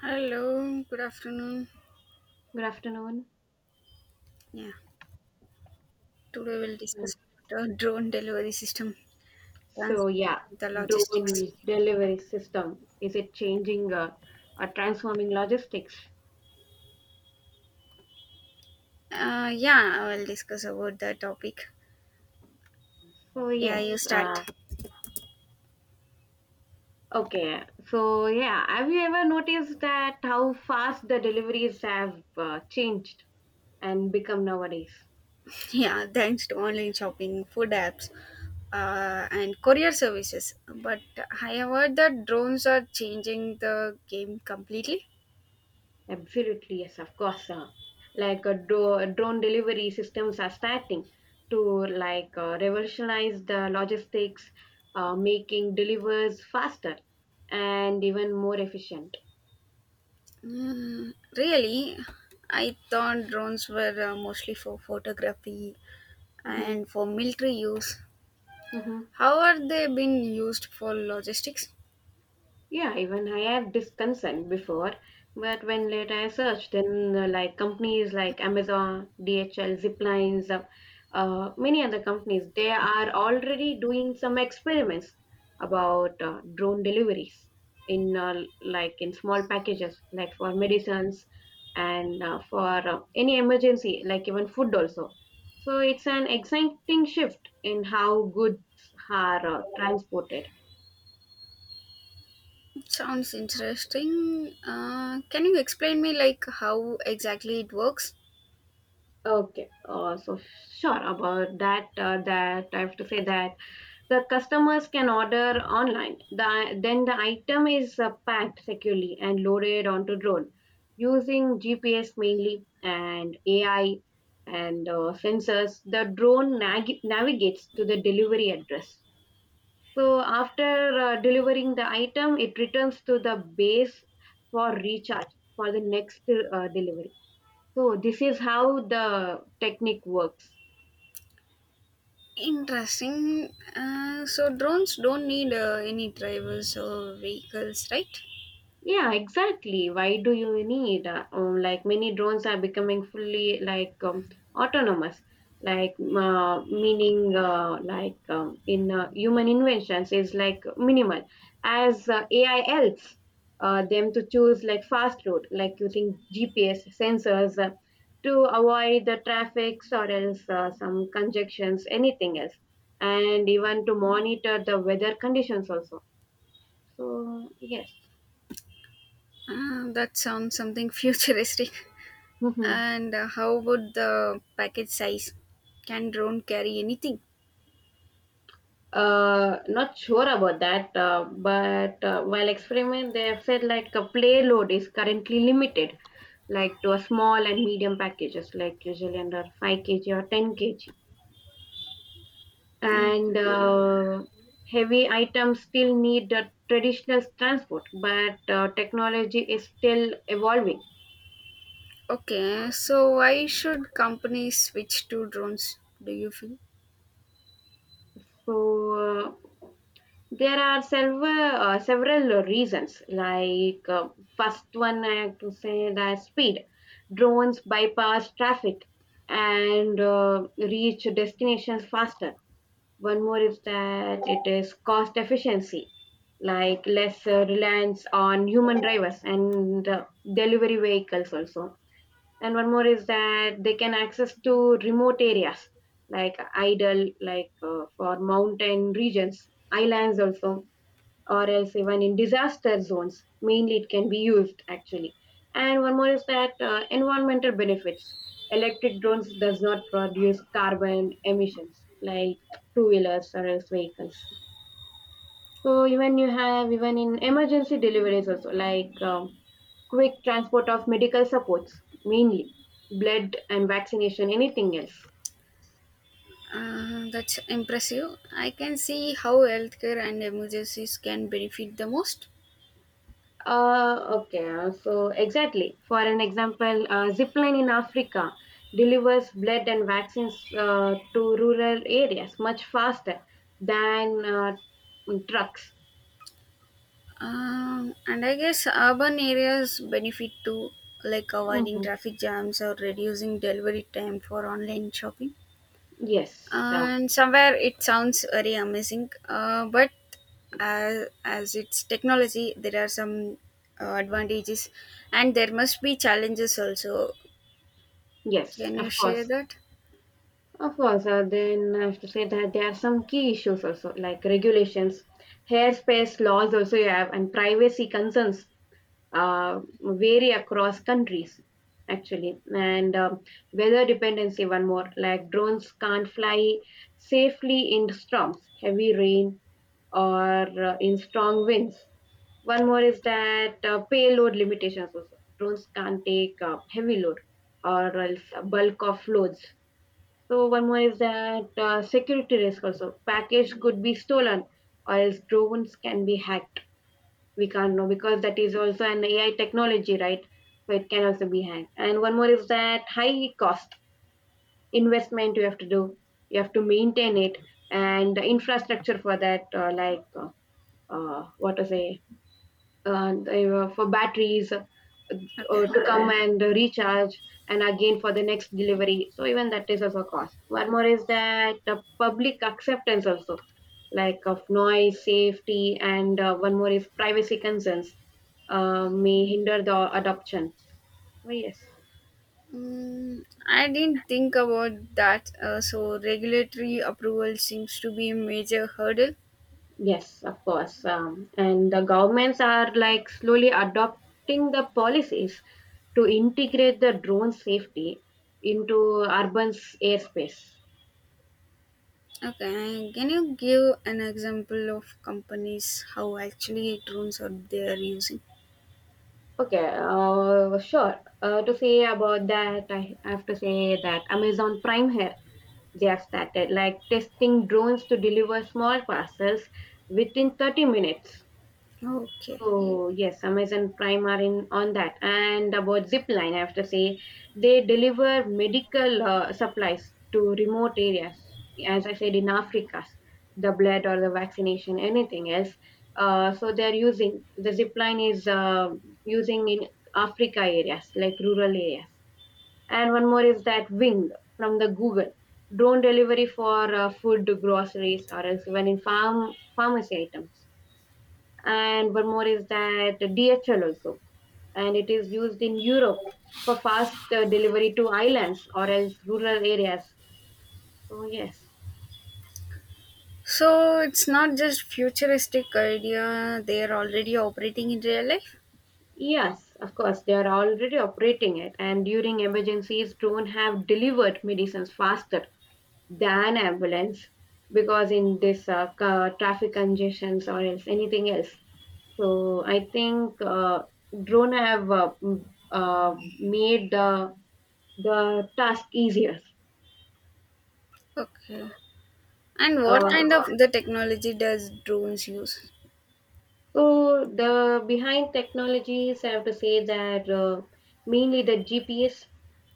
Hello, good afternoon. Good afternoon. Yeah, today we'll Mm. discuss about the drone delivery system, trans- So yeah, the logistics. drone delivery system, is it changing or transforming logistics? Yeah, I will discuss about the topic. So, Yeah, you yes, start. Okay, so yeah, have you ever noticed that how fast the deliveries have changed and become nowadays? Yeah, thanks to online shopping, food apps, and courier services. But I have heard that drones are changing the game completely. Absolutely, yes, of course. Like drone delivery systems are starting to like revolutionize the logistics, making delivers faster and even more efficient. Mm, really, I thought drones were mostly for photography Mhm, and for military use. mhm. How are they being used for logistics? Yeah, even I have this concern before, but when later I searched, then like companies like Amazon, DHL, Ziplines, many other companies, they are already doing some experiments about drone deliveries in like in small packages, like for medicines and for any emergency, like even food also. So it's an exciting shift in how goods are transported. Sounds interesting. Can you explain me like how exactly it works? Okay, so sure about that. That I have to say that the customers can order online. Then the item is packed securely and loaded onto drone using GPS mainly and AI and sensors. The drone navigates to the delivery address. So after delivering the item, it returns to the base for recharge for the next delivery. So this is how the technique works. Interesting. So drones don't need any drivers or vehicles, right? Yeah, exactly. Why do you need? Like many drones are becoming fully like autonomous, like meaning like in human inventions is like minimal. As AI helps them to choose like fast route, like using GPS sensors to avoid the traffics or else some conjunctions, anything else, and even to monitor the weather conditions also. So yes. That sounds something futuristic. And how about the package size? Can drone carry anything? Not sure about that, but while experiment, they have said like a payload is currently limited, like to a small and medium packages, like usually under 5 kg or 10 kg. Mm, And heavy items still need the traditional transport, but technology is still evolving. okay, so why should companies switch to drones? Do you feel? So, there are several reasons. Like first one, I have to say that speed. Drones bypass traffic and reach destinations faster. One more is that it is cost efficiency, like less reliance on human drivers and delivery vehicles also, and one more is that they can access to remote areas like idle like for mountain regions, islands also, or else even in disaster zones, mainly it can be used actually. And one more is that environmental benefits, electric drones does not produce carbon emissions like two wheelers or else vehicles. So even you have even in emergency deliveries also like quick transport of medical supports, mainly blood and vaccination, anything else. That's impressive. I can see how healthcare and emergencies can benefit the most. Okay, so exactly. For an example, zipline in Africa delivers blood and vaccines to rural areas much faster than trucks. And I guess urban areas benefit too, like avoiding Mhm. traffic jams or reducing delivery time for online shopping. Yes, And somewhere it sounds very amazing, but as it's technology, there are some advantages and there must be challenges also. yes, Can you of share course. that? Of course, then I have to say that there are some key issues also, like regulations, airspace laws also you have, and privacy concerns vary across countries, actually. And weather dependency, one more, like drones can't fly safely in storms, heavy rain, or in strong winds. One more is that payload limitations also. Drones can't take heavy load or else bulk of loads. So one more is that security risk also. Package could be stolen, or else drones can be hacked. We can't know because that is also an AI technology, right? So it can also be hacked. And one more is that high cost investment you have to do. You have to maintain it and the infrastructure for that, what to say, they for batteries Okay. To come and recharge and again for the next delivery. So even that is also a cost. One more is that public acceptance also, like of noise safety and one more is privacy concerns may hinder the adoption. So yes. Mm, I didn't think about that. So, regulatory approval seems to be a major hurdle. Yes, of course. And the governments are like slowly adopting the policies to integrate the drone safety into urban airspace. Okay, can you give an example of companies how actually drones are they are using? Okay, sure. To say about that, I have to say that Amazon Prime here, they have started like testing drones to deliver small parcels within 30 minutes. Okay, Oh yes, Amazon Prime are in on that. And about Zipline, I have to say they deliver medical supplies to remote areas, as I said in Africa, the blood or the vaccination, anything else. So they are using the Zipline is using in Africa areas like rural areas. And one more is that Wing from the Google drone delivery for food, groceries, or else even in farm pharmacy items. And one more is that DHL also, and it is used in Europe for fast delivery to islands or else rural areas. So yes, so it's not just futuristic idea; they are already operating in real life. yes, of course they are already operating it, and during emergencies, drone have delivered medicines faster than ambulance because in this traffic congestions or else anything else. So I think drone have made the task easier. Okay, and what kind of Uh, the technology does drones use? so the behind technologies, I have to say that mainly the GPS,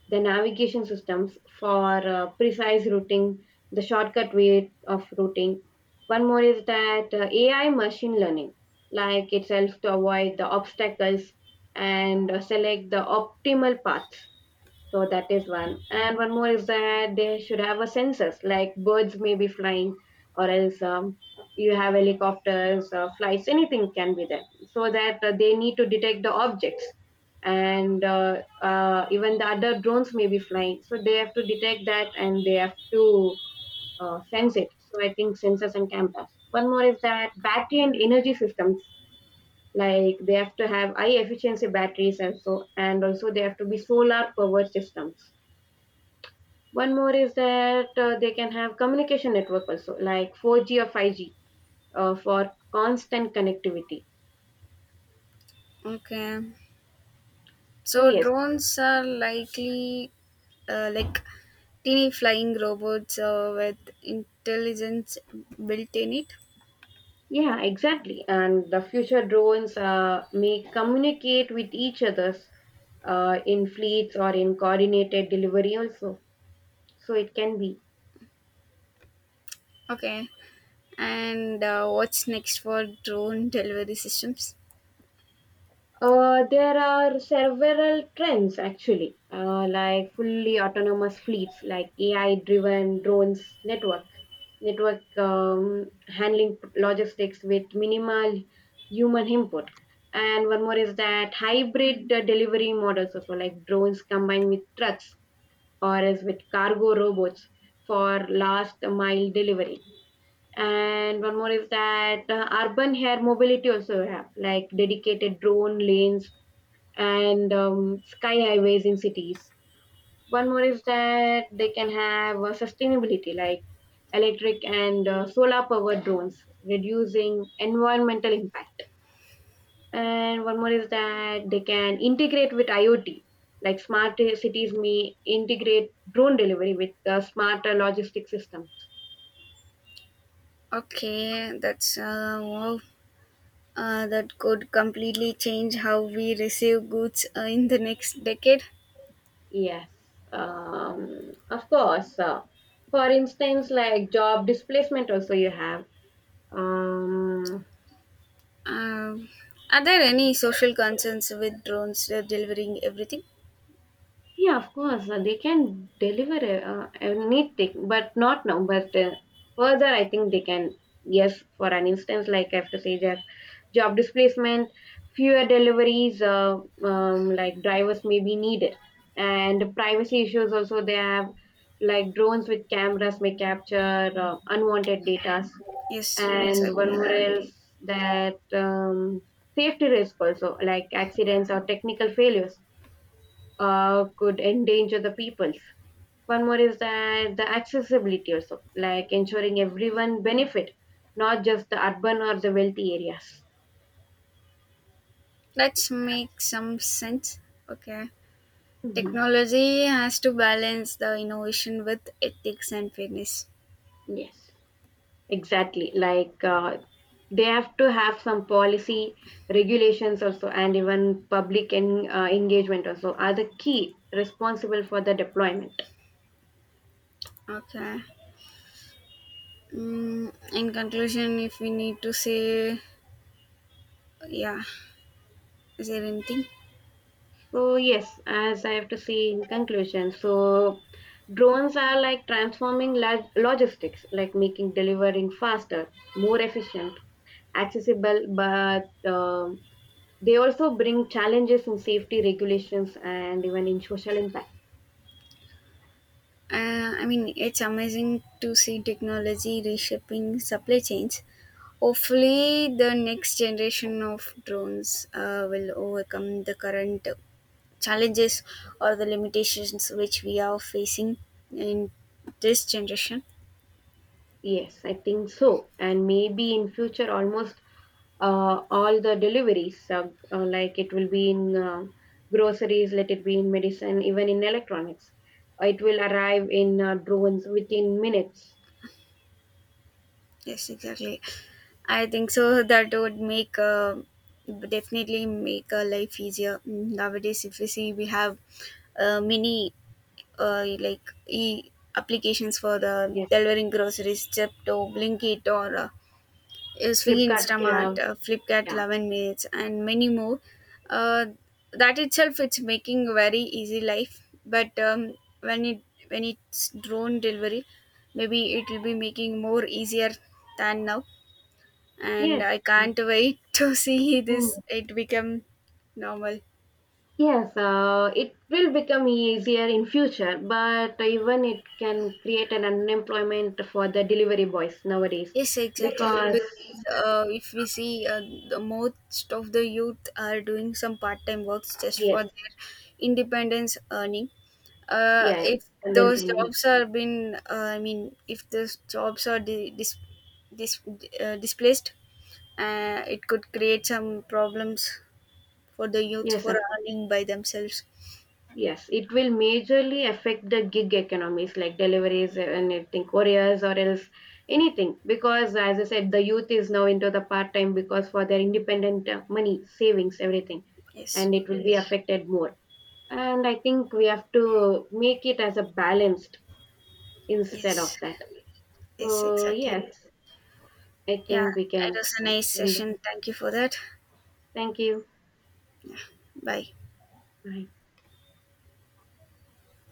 the navigation systems for precise routing, the shortcut way of routing. One more is that AI machine learning, like itself to avoid the obstacles and select the optimal paths. So that is one. And one more is that they should have a census, like birds may be flying, or else you have helicopters, flights, anything can be there. So that they need to detect the objects. And even the other drones may be flying. So they have to detect that and they have to sense it. So I think sensors and cameras. One more is that battery and energy systems. Like they have to have high efficiency batteries also, and also they have to be solar powered systems. One more is that they can have communication network also, like 4G or 5G for constant connectivity. Okay, So so yes, drones are likely like teeny flying robots with intelligence built in it. yeah, exactly. And the future drones may communicate with each others in fleets or in coordinated delivery also. So it can be. Okay. And what's next for drone delivery systems? There are several trends actually, like fully autonomous fleets, like AI-driven drones, network handling logistics with minimal human input, and one more is that hybrid delivery models also, like drones combined with trucks or as with cargo robots for last mile delivery. And one more is that urban air mobility also have like dedicated drone lanes and sky highways in cities. One more is that they can have sustainability like electric and solar powered drones, reducing environmental impact. And one more is that they can integrate with IoT, like smart cities may integrate drone delivery with the smarter logistic system. Okay, that's wow. That could completely change how we receive goods in the next decade. Yes, of course. For instance, like job displacement, also you have. Um, Um, are there any social concerns with drones delivering everything? Yeah, of course, they can deliver anything, but not now. But further, I think they can. Yes, for an instance, like I have to say that job displacement, fewer deliveries, like drivers may be needed, and privacy issues also. They have like drones with cameras may capture unwanted data, Yes, and one exactly. more else that safety risk also, like accidents or technical failures could endanger the peoples. One more is that the accessibility also, like ensuring everyone benefit, not just the urban or the wealthy areas. Let's make some sense. Okay. Hmm. Technology has to balance the innovation with ethics and fairness. Yes. Exactly, like they have to have some policy regulations also, and even public engagement also are the key responsible for the deployment. Okay. Mm, in conclusion, if we need to say, yeah, is there anything? So yes, as I have to say in conclusion, so drones are like transforming logistics, like making delivering faster, more efficient, accessible, but they also bring challenges in safety regulations and even in social impact. I mean, it's amazing to see technology reshaping supply chains. Hopefully, the next generation of drones will overcome the current challenges or the limitations which we are facing in this generation. Yes, I think so. And maybe in future, almost all the deliveries, like it will be in groceries, let it be in medicine, even in electronics. It will arrive in drones within minutes. Yes, exactly. I think so. That would make definitely make our life easier. Mm, nowadays. If we see, we have many like e applications for the Yes, delivering groceries, Chepto, Blinkit, or Swiggy Flipkart. Instamart, Yeah, Flipkart, yeah. Love and Mates, and many more. Uh, that itself, it's making a very easy life. But when it when it's drone delivery, maybe it will be making more easier than now. And Yes. I can't wait to see this Mm. it become normal. Yes, it will become easier in future, but even it can create an unemployment for the delivery boys nowadays Yes, exactly. because Because if we see the most of the youth are doing some part-time works just yes, for their independence earning. Yeah, If and then those training. jobs are been, I mean, if those jobs are dis- displaced, it could create some problems for the youth Yes, for of earning by themselves. yes, it will majorly affect the gig economies like deliveries and anything, couriers or else anything. Because as I said, the youth is now into the part time because for their independent money, savings, everything, Yes, and it will be yes, affected more. And I think we have to make it as a balanced instead of yes, that. yes, So exactly. yes, I Yeah, think we it can. was a nice session. Thank you for that. Thank you. Bye. Bye.